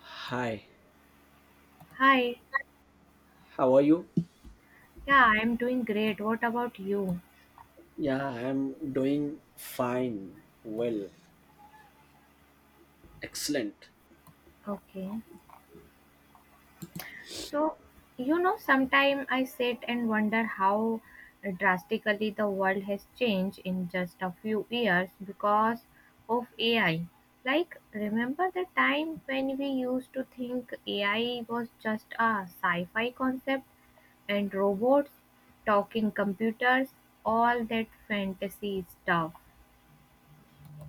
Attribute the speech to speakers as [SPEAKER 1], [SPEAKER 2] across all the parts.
[SPEAKER 1] Hi,
[SPEAKER 2] Hi,
[SPEAKER 1] how are you?
[SPEAKER 2] yeah, I'm doing great. What about you?
[SPEAKER 1] Yeah, I'm doing fine. Well, excellent.
[SPEAKER 2] Okay. So, sometime I sit and wonder how drastically the world has changed in just a few years because of AI. Like, remember the time when we used to think AI was just a sci fi concept and robots, talking computers, all that fantasy stuff?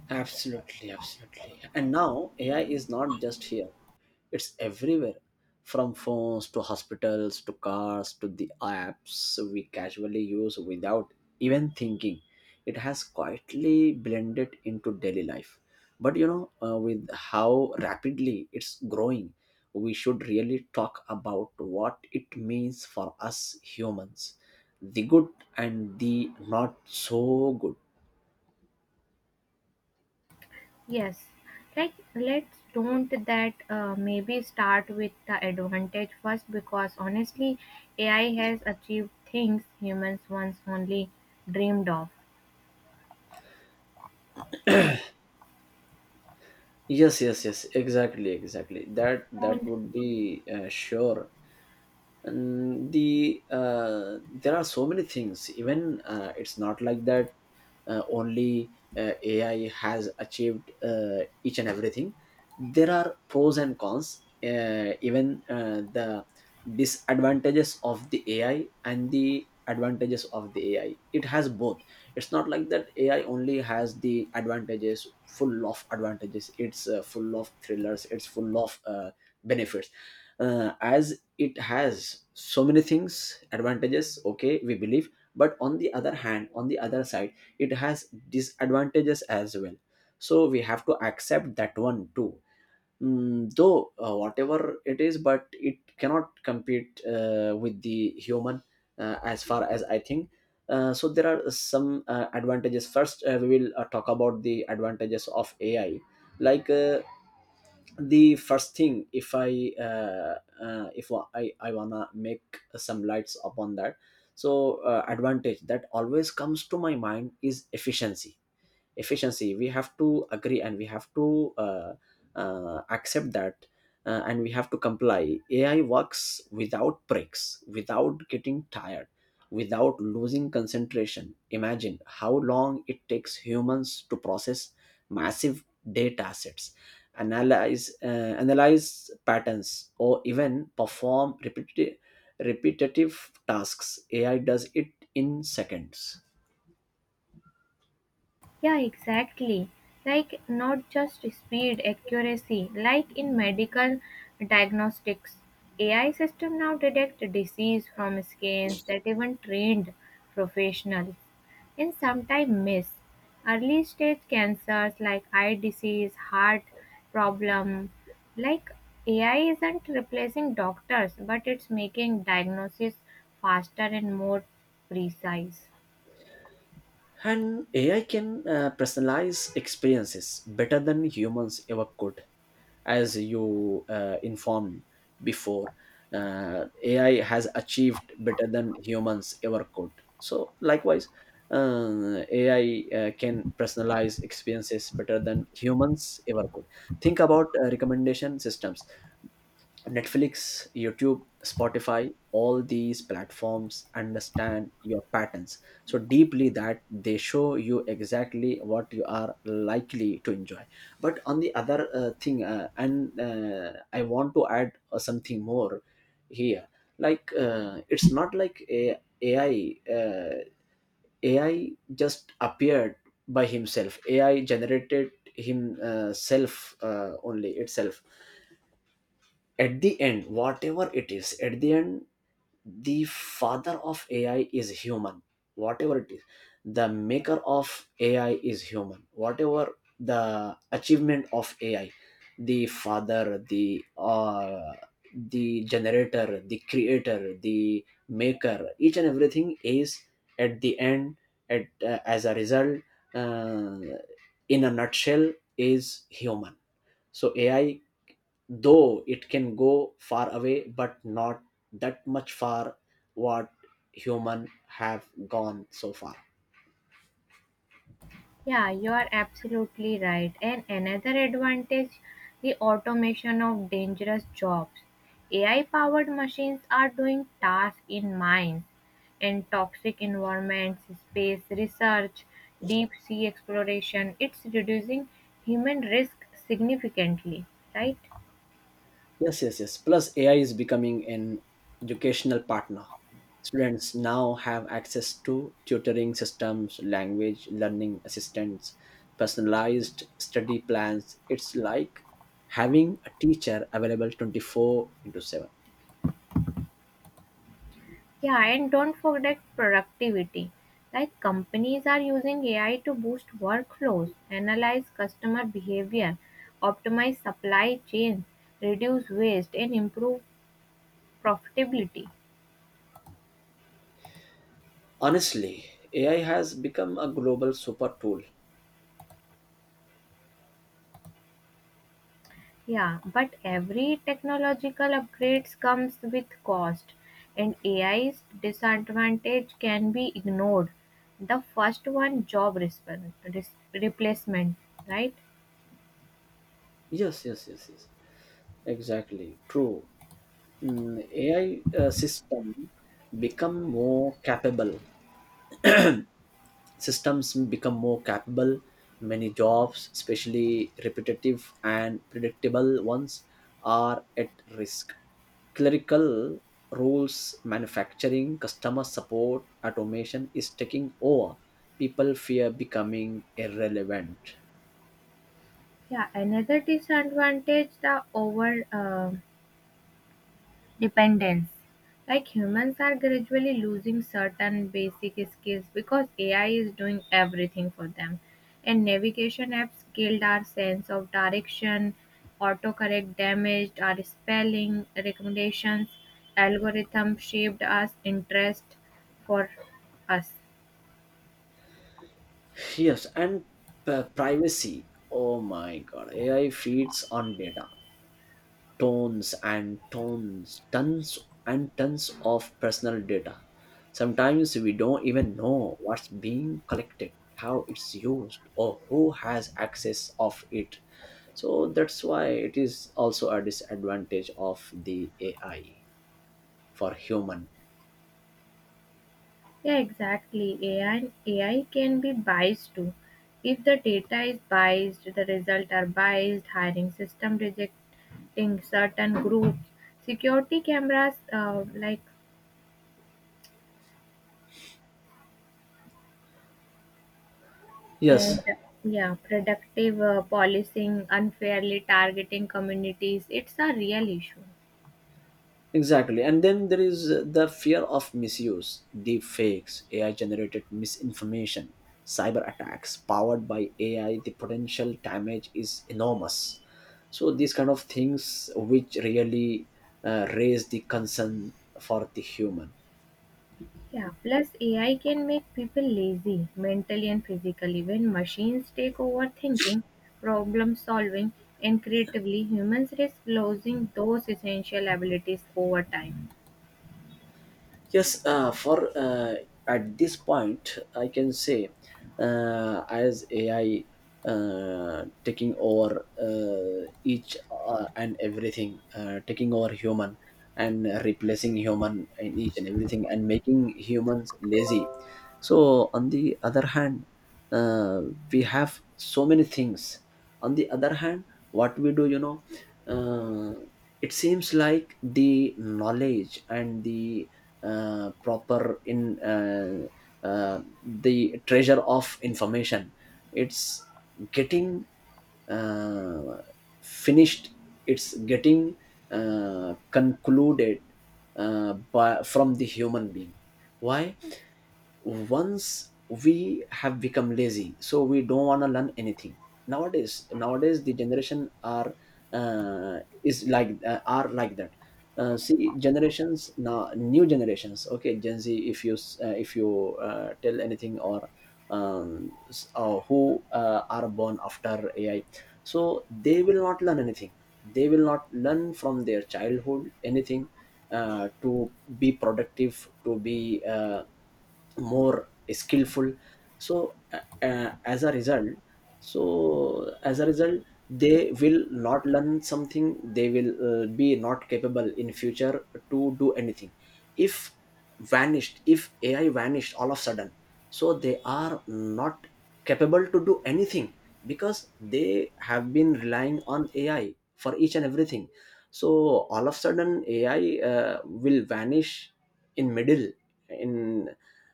[SPEAKER 1] Absolutely, absolutely. And now AI is not just here, it's everywhere, from phones to hospitals to cars to the apps we casually use without even thinking. It has quietly blended into daily life, but with how rapidly it's growing, we should really talk about what it means for us humans, the good and the not so good.
[SPEAKER 2] Yes, like let's don't that maybe start with the advantage first because honestly, AI has achieved things humans once only dreamed of.
[SPEAKER 1] Yes, yes, yes, exactly, exactly. That would be sure. And there are so many things. Even It's not like that only AI has achieved each and everything. There are pros and cons, even the disadvantages of the AI and the advantages of the AI, it has both. It's not like that AI only has the advantages, full of advantages. It's full of thrillers, it's full of benefits, as it has so many things, advantages, okay, we believe. But on the other hand, on the other side, it has disadvantages as well, so we have to accept that one too. Mm, though Whatever it is, but it cannot compete with the human, as far as I think. So there are some advantages. First, we will talk about the advantages of AI. like uh, the first thing, if I wanna make some lights upon that. So advantage that always comes to my mind is efficiency. Efficiency, we have to agree, and we have to accept that, and we have to comply. AI works without breaks, without getting tired, without losing concentration. Imagine how long it takes humans to process massive data sets, analyze uh, analyze patterns, or even perform repetitive tasks. AI does it in seconds.
[SPEAKER 2] Yeah, exactly. Like, not just speed, accuracy, like in medical diagnostics. AI system now detect disease from scans that even trained professionals and sometimes miss. Early stage cancers like eye disease, heart problem, like AI isn't replacing doctors, but it's making diagnosis faster and more precise.
[SPEAKER 1] And AI can personalize experiences better than humans ever could, as you informed before. AI has achieved better than humans ever could. So, likewise, AI can personalize experiences better than humans ever could. Think about recommendation systems. Netflix, YouTube, Spotify, all these platforms understand your patterns so deeply that they show you exactly what you are likely to enjoy. But on the other thing, and I want to add something more here. Like it's not like a AI. AI just appeared by himself. AI generated himself, only itself, at the end. Whatever it is, at the end, the father of AI is human. Whatever it is, the maker of AI is human. Whatever the achievement of AI, the father, the generator, the creator, the maker, each and everything is at the end, at as a result, uh, in a nutshell, is human. So AI, though it can go far away, but not that much far, what human have gone so far.
[SPEAKER 2] Yeah, you are absolutely right. And another advantage, the automation of dangerous jobs. AI powered machines are doing tasks in mines and toxic environments, space research, deep sea exploration. It's reducing human risk significantly, right?
[SPEAKER 1] Yes, yes, yes, plus AI is becoming an educational partner. Students now have access to tutoring systems, language learning assistants, personalized study plans. It's like having a teacher available 24 into 7.
[SPEAKER 2] Yeah, and don't forget productivity. Like companies are using AI to boost workflows, analyze customer behavior, optimize supply chains, reduce waste, and improve profitability.
[SPEAKER 1] Honestly, AI has become a global super tool.
[SPEAKER 2] Yeah, but every technological upgrades comes with cost, and AI's disadvantage can be ignored. The first one, job replacement, right?
[SPEAKER 1] Yes, yes, yes, yes. Exactly, true. AI system become more capable. Systems become more capable. Many jobs, especially repetitive and predictable ones, are at risk. Clerical roles, manufacturing, customer support, automation is taking over. People fear becoming irrelevant.
[SPEAKER 2] Yeah, another disadvantage, the over dependence. Like humans are gradually losing certain basic skills because AI is doing everything for them. And navigation apps killed our sense of direction, autocorrect damaged our spelling, recommendations, algorithm shaped us interest for us.
[SPEAKER 1] Yes, and privacy. Oh my god, AI feeds on data. Tons and tons, tons and tons of personal data. Sometimes we don't even know what's being collected, how it's used, or who has access of it. So that's why it is also a disadvantage of the AI for human.
[SPEAKER 2] Yeah, exactly. AI can be biased too. If the data is biased, the results are biased, hiring system rejecting certain groups, security cameras, like, and
[SPEAKER 1] Yes,
[SPEAKER 2] yeah, productive policing, unfairly targeting communities. It's a real issue.
[SPEAKER 1] exactly. And then there is the fear of misuse, deep fakes, AI generated misinformation, cyber attacks powered by AI, the potential damage is enormous. So, these kind of things which really raise the concern for the human.
[SPEAKER 2] Yeah, plus AI can make people lazy mentally and physically. When machines take over thinking, problem solving, and creatively, humans risk losing those essential abilities over time.
[SPEAKER 1] Yes, for at this point, I can say, as AI taking over each and everything, taking over human and replacing human in each and everything and making humans lazy. So on the other hand, uh, we have so many things. On the other hand, what we do, you know, uh, it seems like the knowledge and the proper in uh, the treasure of information, it's getting uh, finished, it's getting concluded by, from the human being. Why? Once we have become lazy, so we don't want to learn anything. Nowadays the generation are, is like are like that. See, generations now, new generations, okay, Gen Z, if you tell anything or who are born after AI, so they will not learn anything. They will not learn from their childhood anything, to be productive, to be more skillful. So uh, uh, as a result so as a result, they will not learn something, they will be not capable in future to do anything. If vanished if AI vanished all of a sudden, so they are not capable to do anything because they have been relying on AI for each and everything. So all of a sudden AI will vanish in middle, in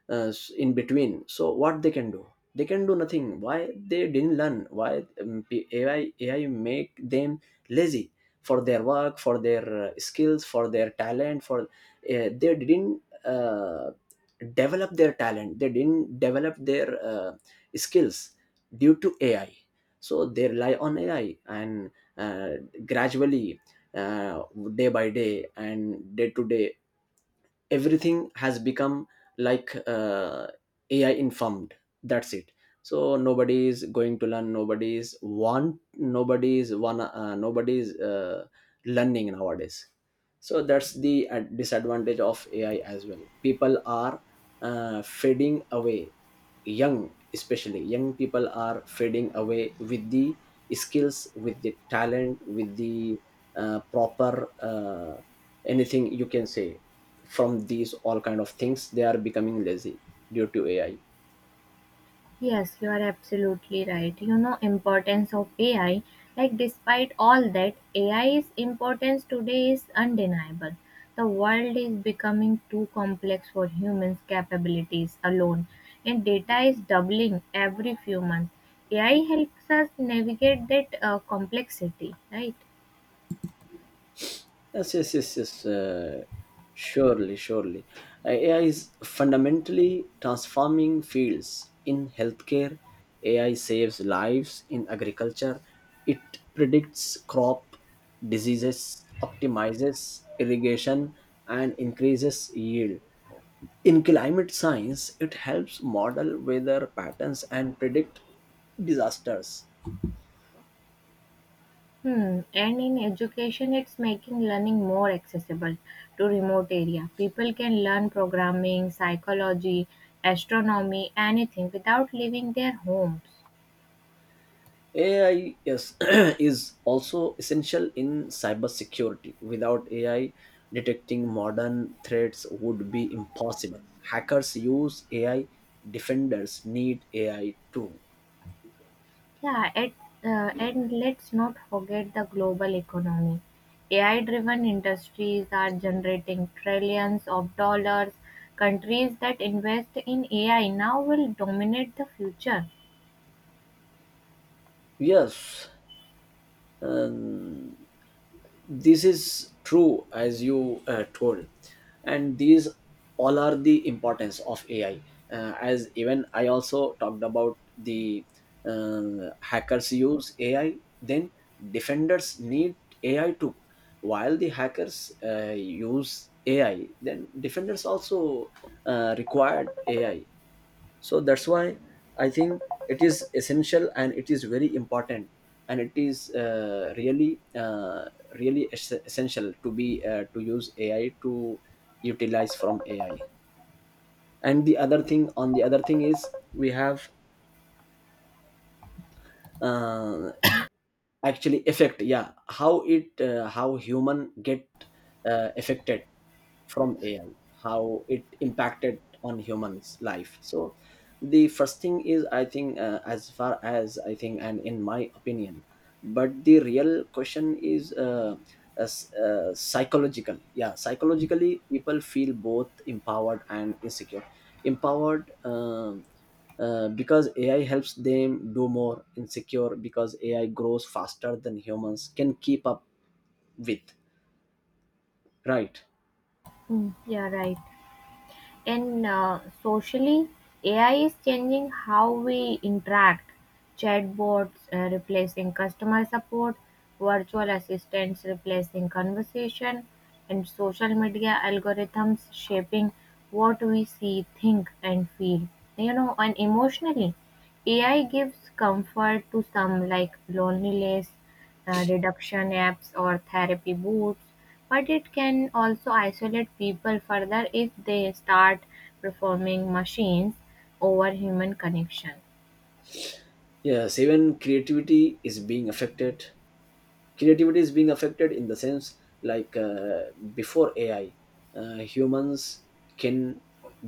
[SPEAKER 1] uh, in between, so what they can do? They can do nothing. Why? They didn't learn. Why? AI make them lazy for their work, for their skills, for their talent. For They didn't develop their talent, they didn't develop their skills due to AI. So they rely on AI and uh, gradually, uh, day by day and day to day, everything has become like, AI informed, that's it. So nobody is going to learn. Nobody is want nobody is one nobody is learning nowadays. So that's the disadvantage of AI as well. People are fading away, young, especially young people are fading away with the skills, with the talent, with the proper anything you can say. From these all kind of things, they are becoming lazy due to AI.
[SPEAKER 2] Yes, you are absolutely right. Importance of AI, like despite all that, AI's importance today is undeniable. The world is becoming too complex for humans' capabilities alone, and data is doubling every few months. AI helps us navigate that complexity, right?
[SPEAKER 1] Yes, yes, yes, yes. Surely, surely. AI is fundamentally transforming fields. In healthcare, AI saves lives. In agriculture, it predicts crop diseases, optimizes irrigation, and increases yield. In climate science, it helps model weather patterns and predict disasters.
[SPEAKER 2] Hmm. And in education, it's making learning more accessible to remote area. People can learn programming, psychology, astronomy, anything without leaving their homes.
[SPEAKER 1] AI, yes, is also essential in cybersecurity. Without AI, detecting modern threats would be impossible. Hackers use AI, defenders need AI too.
[SPEAKER 2] Yeah, and let's not forget the global economy. AI-driven industries are generating trillions of dollars. Countries that invest in AI now will dominate the future.
[SPEAKER 1] Yes, um, this is true, as you told, and these all are the importance of AI. As even I also talked about, the hackers use AI, then defenders need AI too. While the hackers use AI, then defenders also required AI. So that's why I think it is essential and it is very important, and it is really essential to be to use AI, to utilize from AI. And the other thing, on the other thing is, we have uh, actually affect, yeah, how it how human get affected from AI, how it impacted on humans life. So the first thing is, I think, as far as I think and in my opinion, but the real question is, psychological, yeah, psychologically people feel both empowered and insecure. Empowered, because AI helps them do more, insecure because AI grows faster than humans can keep up with. Right.
[SPEAKER 2] Hmm, yeah, right. And socially, AI is changing how we interact. Chatbots replacing customer support, virtual assistants replacing conversation, and social media algorithms shaping what we see, think, and feel. And emotionally, AI gives comfort to some like loneliness, reduction apps, or therapy boots, but it can also isolate people further if they start performing machines over human connection.
[SPEAKER 1] Yes, even creativity is being affected in the sense, like before AI, humans can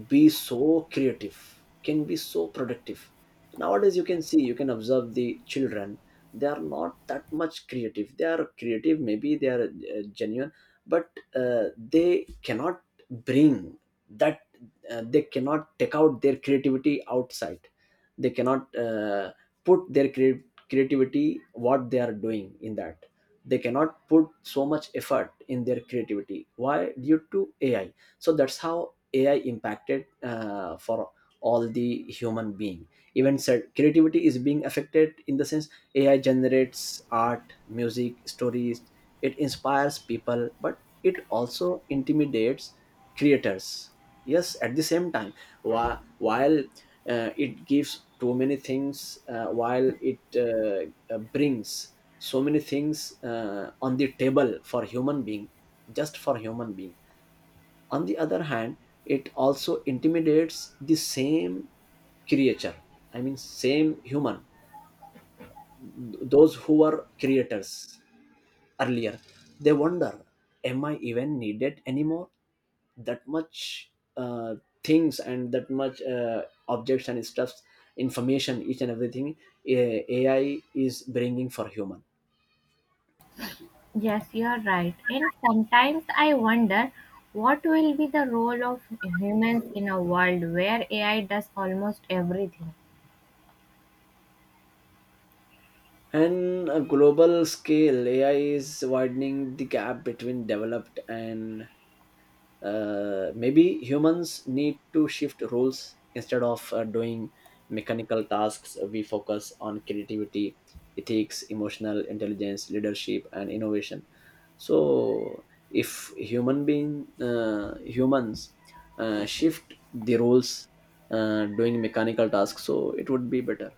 [SPEAKER 1] be so creative, can be so productive. Nowadays you can see, you can observe the children, they are not that much creative. They are creative, maybe they are genuine, but uh, they cannot bring that, they cannot take out their creativity outside. They cannot put their creativity, what they are doing in that. They cannot put so much effort in their creativity. Why? Due to AI. So that's how AI impacted for all the human being. Even said, creativity is being affected in the sense, AI generates art, music, stories. It inspires people but it also intimidates creators. Yes, at the same time, while it gives too many things, while it brings so many things on the table for human being, just for human being, on the other hand it also intimidates the same creature, I mean same human. Those who were creators earlier, they wonder, am I even needed anymore? That much uh, things and that much objects and stuffs, information, each and everything, AI is bringing for human.
[SPEAKER 2] Yes, you're right. And sometimes I wonder what will be the role of humans in a world where AI does almost everything.
[SPEAKER 1] And a global scale, AI is widening the gap between developed and maybe humans need to shift roles instead of doing mechanical tasks. We focus on creativity, ethics, emotional intelligence, leadership, and innovation. So, if humans shift the roles doing mechanical tasks, so it would be better.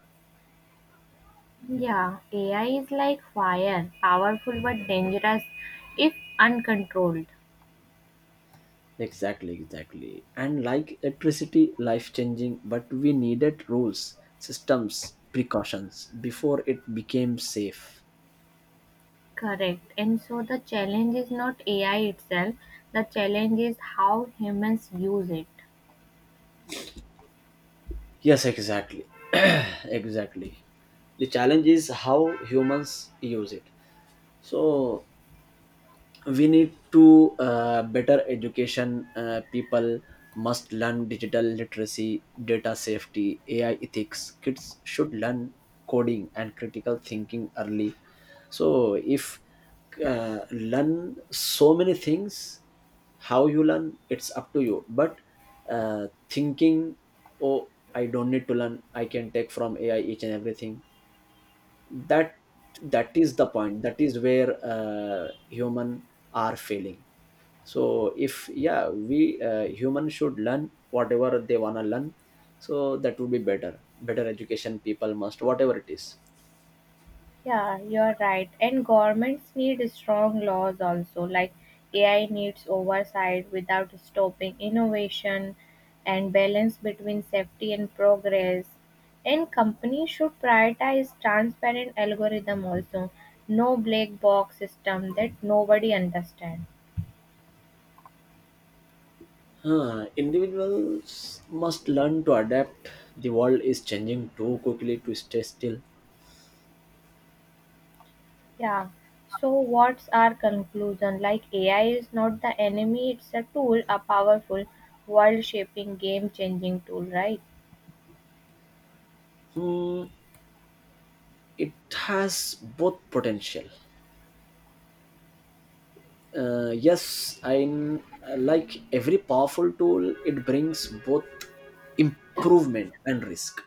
[SPEAKER 2] Yeah, AI is like fire, powerful but dangerous if uncontrolled.
[SPEAKER 1] Exactly, exactly. And like electricity, life changing, but we needed rules, systems, precautions before it became safe.
[SPEAKER 2] Correct. And so the challenge is not AI itself, the challenge is how humans use it.
[SPEAKER 1] Yes, exactly. exactly. The challenge is how humans use it. So we need to better education, people must learn digital literacy, data safety, ai ethics. Kids should learn coding and critical thinking early, so if learn so many things, how you learn it's up to you. But thinking, oh, I don't need to learn, I can take from ai each and everything. That that is the point, that is where human are failing. So if, yeah, we humans should learn whatever they want to learn. So that would be better. Better education, people must, whatever it is.
[SPEAKER 2] Yeah, you're right. And governments need strong laws also, like AI needs oversight without stopping innovation and balance between safety and progress. And companies should prioritize transparent algorithm also, no black box system that nobody understands.
[SPEAKER 1] Huh, individuals must learn to adapt, the world is changing too quickly to stay still.
[SPEAKER 2] Yeah. So what's our conclusion? Like AI is not the enemy, it's a tool, a powerful, world shaping, game changing tool, right?
[SPEAKER 1] Hmm, it has both potential. Yes, I, like every powerful tool, it brings both improvement and risk.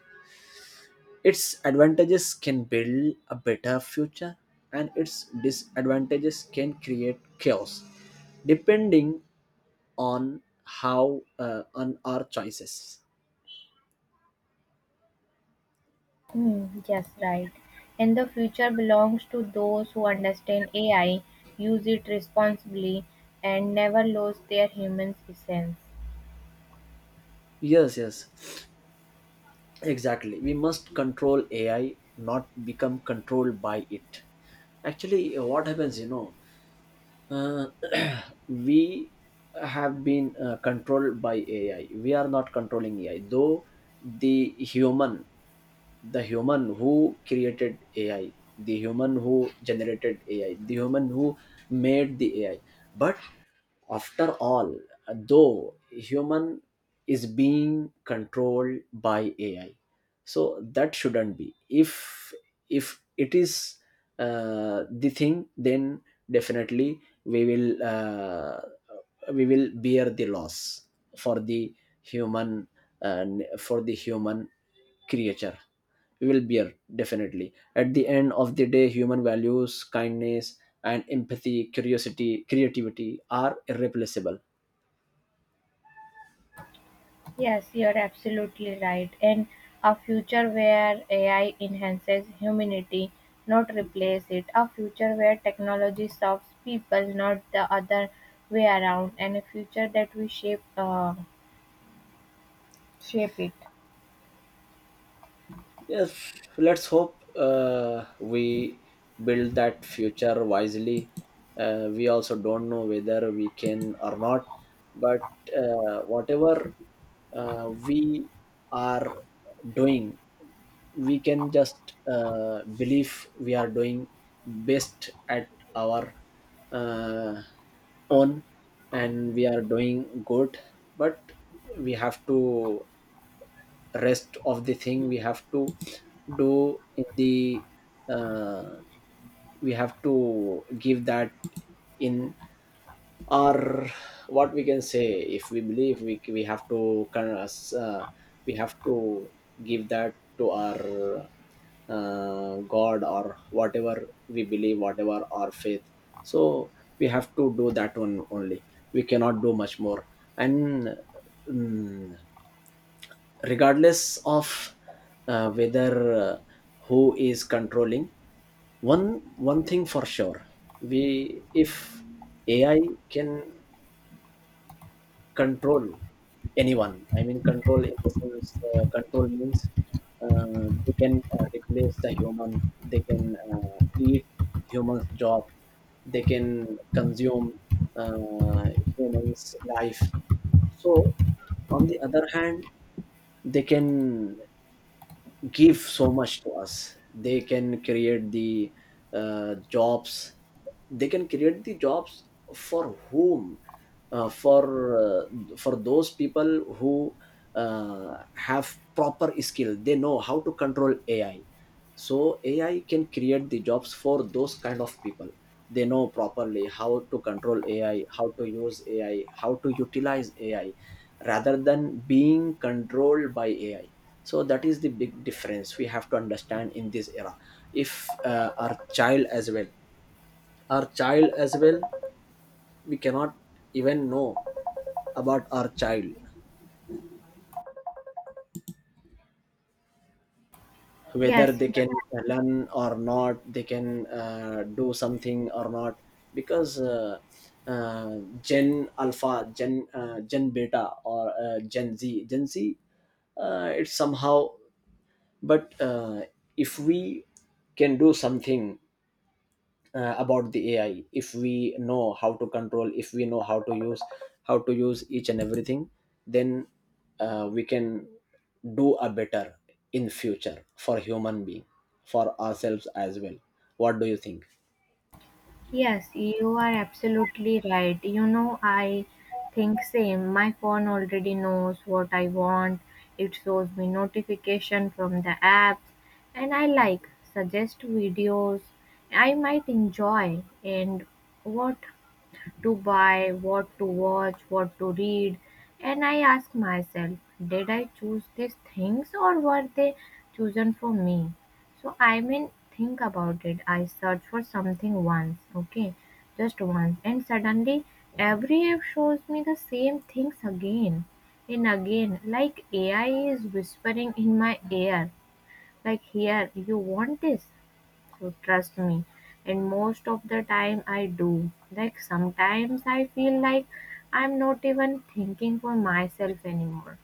[SPEAKER 1] Its advantages can build a better future, and its disadvantages can create chaos, depending on how on our choices.
[SPEAKER 2] Hmm, yes, right. And the future belongs to those who understand AI, use it responsibly, and never lose their human essence.
[SPEAKER 1] Yes, yes, exactly, we must control ai, not become controlled by it. Actually, what happens. Uh, we have been controlled by AI. We are not controlling AI. Though, the human the human who created AI, the human who generated AI, the human who made the AI. But after all, though human is being controlled by AI, so that shouldn't be. If it is the thing, then definitely we will bear the loss for the human, uh, for the human creature, will bear. Definitely, at the end of the day, human values, kindness, and empathy, curiosity, creativity are irreplaceable.
[SPEAKER 2] Yes, you're absolutely right. And a future where AI enhances humanity, not replace it. A future where technology serves people, not the other way around. And a future that we shape it.
[SPEAKER 1] Yes, let's hope we build that future wisely. We also don't know whether we can or not, but whatever we are doing, we can just believe we are doing best at our uh, own, and we are doing good, but we have to, rest of the thing we have to do in the, uh, we have to give that in our, what we can say, if we believe, we have to kind of, uh, we have to give that to our god, or whatever we believe, whatever our faith. So we have to do that one only, we cannot do much more. And mm, regardless of whether uh, who is controlling, one thing for sure: we, if ai can control anyone, I mean control in the sense, control means, they can replace the human, they can eat humans job, they can consume uh, humans life. So on the other hand, they can give so much to us, they can create the jobs. They can create the jobs for whom? uh, for for those people who have proper skill, they know how to control ai. So ai can create the jobs for those kind of people, they know properly how to control ai, how to use ai, how to utilize ai, rather than being controlled by ai. So that is the big difference we have to understand in this era. If our child as well, we cannot even know about our child, whether
[SPEAKER 2] Yes,
[SPEAKER 1] they can learn or not, they can do something or not. Because uh, gen alpha, gen beta, or gen z, it's somehow. But if we can do something about the ai, if we know how to control, if we know how to use, how to use each and everything, then we can do a better in future for human being, for ourselves as well. What do you think?
[SPEAKER 2] yes, you are absolutely right. I think same. My phone already knows what I want. It shows me notification from the apps and I like suggest videos I might enjoy and what to buy, what to watch, what to read, and I ask myself, did I choose these things or were they chosen for me? So I mean, think about it. I search for something once, okay, just once, and suddenly every app shows me the same things again and again, like AI is whispering in my ear, like, here, you want this? Trust me. And most of the time I do. Like sometimes I feel like I'm not even thinking for myself anymore.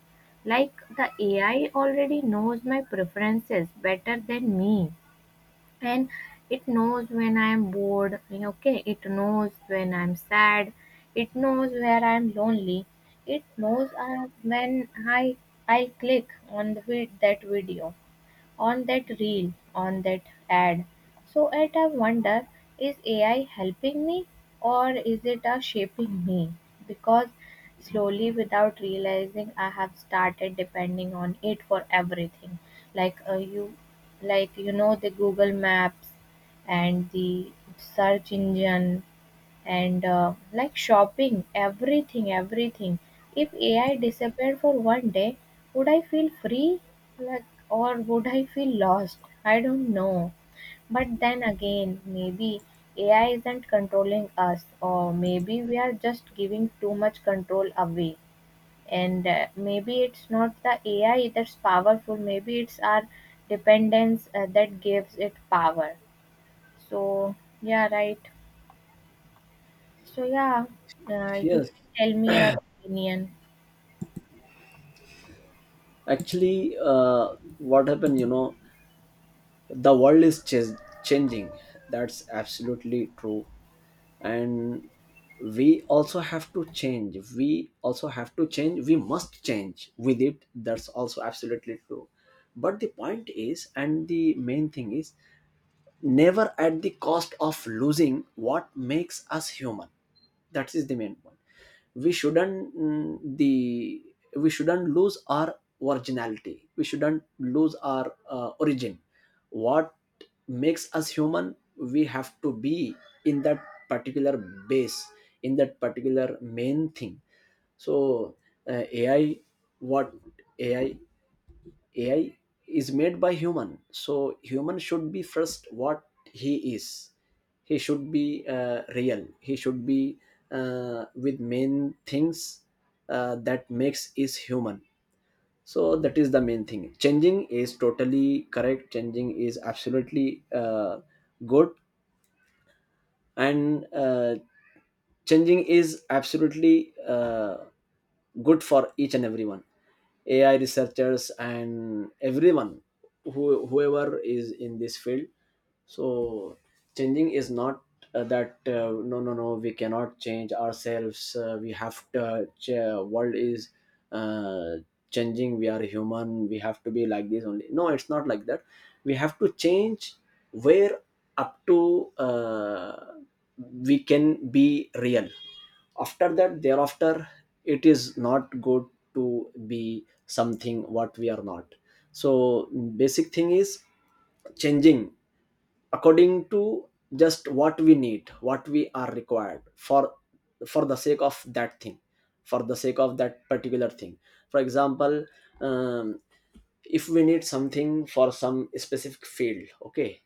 [SPEAKER 2] Like the AI already knows my preferences better than me. And it knows when I'm bored, okay? It knows when I'm sad. It knows where I'm lonely. It knows when I click on that video, on that reel, on that ad. So at I wonder, is AI helping me or is it a shaping me? Because slowly, without realizing, I have started depending on it for everything. Like like the Google Maps and the search engine and like shopping, everything. If AI disappeared for one day, would I feel free, like, or would I feel lost? I don't know, but then again, maybe AI isn't controlling us, or maybe we are just giving too much control away. And maybe it's not the AI that's powerful, maybe it's our dependence that gives it power. So, yeah, right. So, yeah, you
[SPEAKER 1] Yes,
[SPEAKER 2] can tell me your opinion.
[SPEAKER 1] actually, what happened, the world is changing. That's absolutely true. And we also have to change we also have to change we must change with it. That's also absolutely true. But the point is, and the main thing is, never at the cost of losing what makes us human. That is the main point. We shouldn't mm, the we shouldn't lose our originality, we shouldn't lose our origin, what makes us human. We have to be in that particular base, in that particular main thing. So ai what ai AI is made by human, so human should be first, what he is. He should be real. He should be with main things that makes is human. So that is the main thing. Changing is totally correct. Changing is absolutely good, and changing is absolutely good for each and everyone, ai researchers and everyone, whoever is in this field. So changing is not that, no, no, no, we cannot change ourselves, we have to world is uh, changing, we are human, we have to be like this only, no, it's not like that. We have to change, where up to we can be real. After that, thereafter, it is not good to be something what we are not. So basic thing is changing according to just what we need, what we are required for the sake of that thing, for the sake of that particular thing. For example, um, if we need something for some specific field, okay.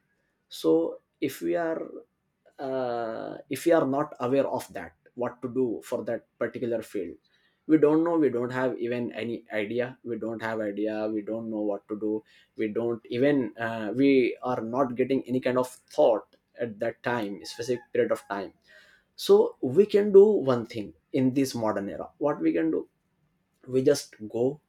[SPEAKER 1] So if we are not aware of that, what to do for that particular field, we don't know, we don't have even any idea, we don't have idea, we don't know what to do, we don't even we are not getting any kind of thought at that time, specific period of time. So we can do one thing in this modern era, what we can do, we just go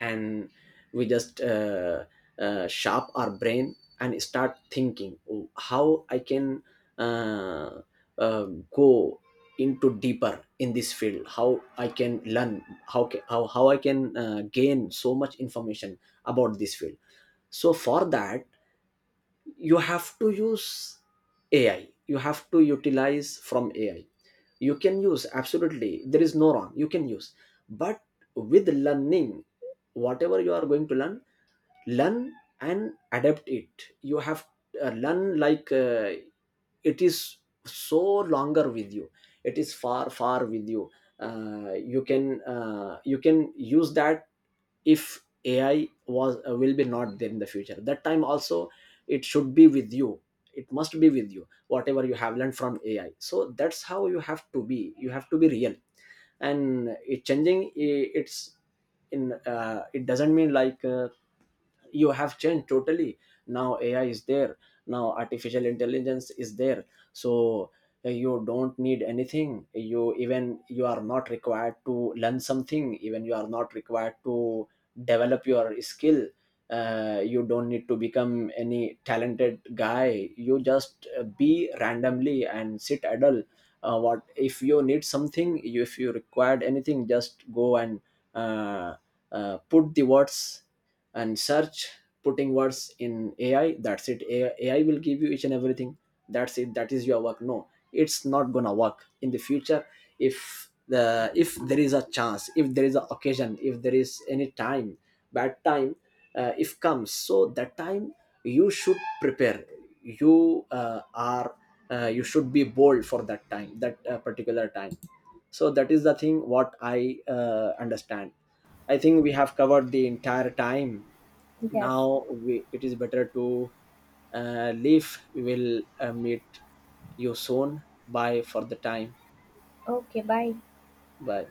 [SPEAKER 1] and we just sharp our brain and start thinking, "Oh, how I can uh, uh, go into deeper in this field, how I can learn, how I can gain so much information about this field." So for that, you have to use ai, you have to utilize from ai, you can use, absolutely there is no wrong, you can use. But with learning, whatever you are going to learn, learn and adapt it. You have learn, like it is so longer with you, it is far, far with you. You can use that. If ai was will be not there in the future, that time also it should be with you. It must be with you, whatever you have learned from ai. So that's how you have to be, you have to be real. And it changing, it's, in it doesn't mean like you have changed totally. Now ai is there, now artificial intelligence is there. So you don't need anything, you even you are not required to learn something, even you are not required to develop your skill. You don't need to become any talented guy, you just be randomly and sit idle. What if you need something, if you required anything, just go and uh, put the words and search, putting words in ai, that's it. AI will give you each and everything, that's it, that is your work. No, it's not gonna work in the future. If there is a chance, if there is an occasion, if there is any time, bad time, if comes, so that time, you should prepare. you uh, are you should be bold for that time, that particular time. So that is the thing what I understand. I think we have covered the entire time.
[SPEAKER 2] Yes.
[SPEAKER 1] Now we, it is better to leave. We will meet you soon. Bye for the time.
[SPEAKER 2] Okay, bye.
[SPEAKER 1] Bye.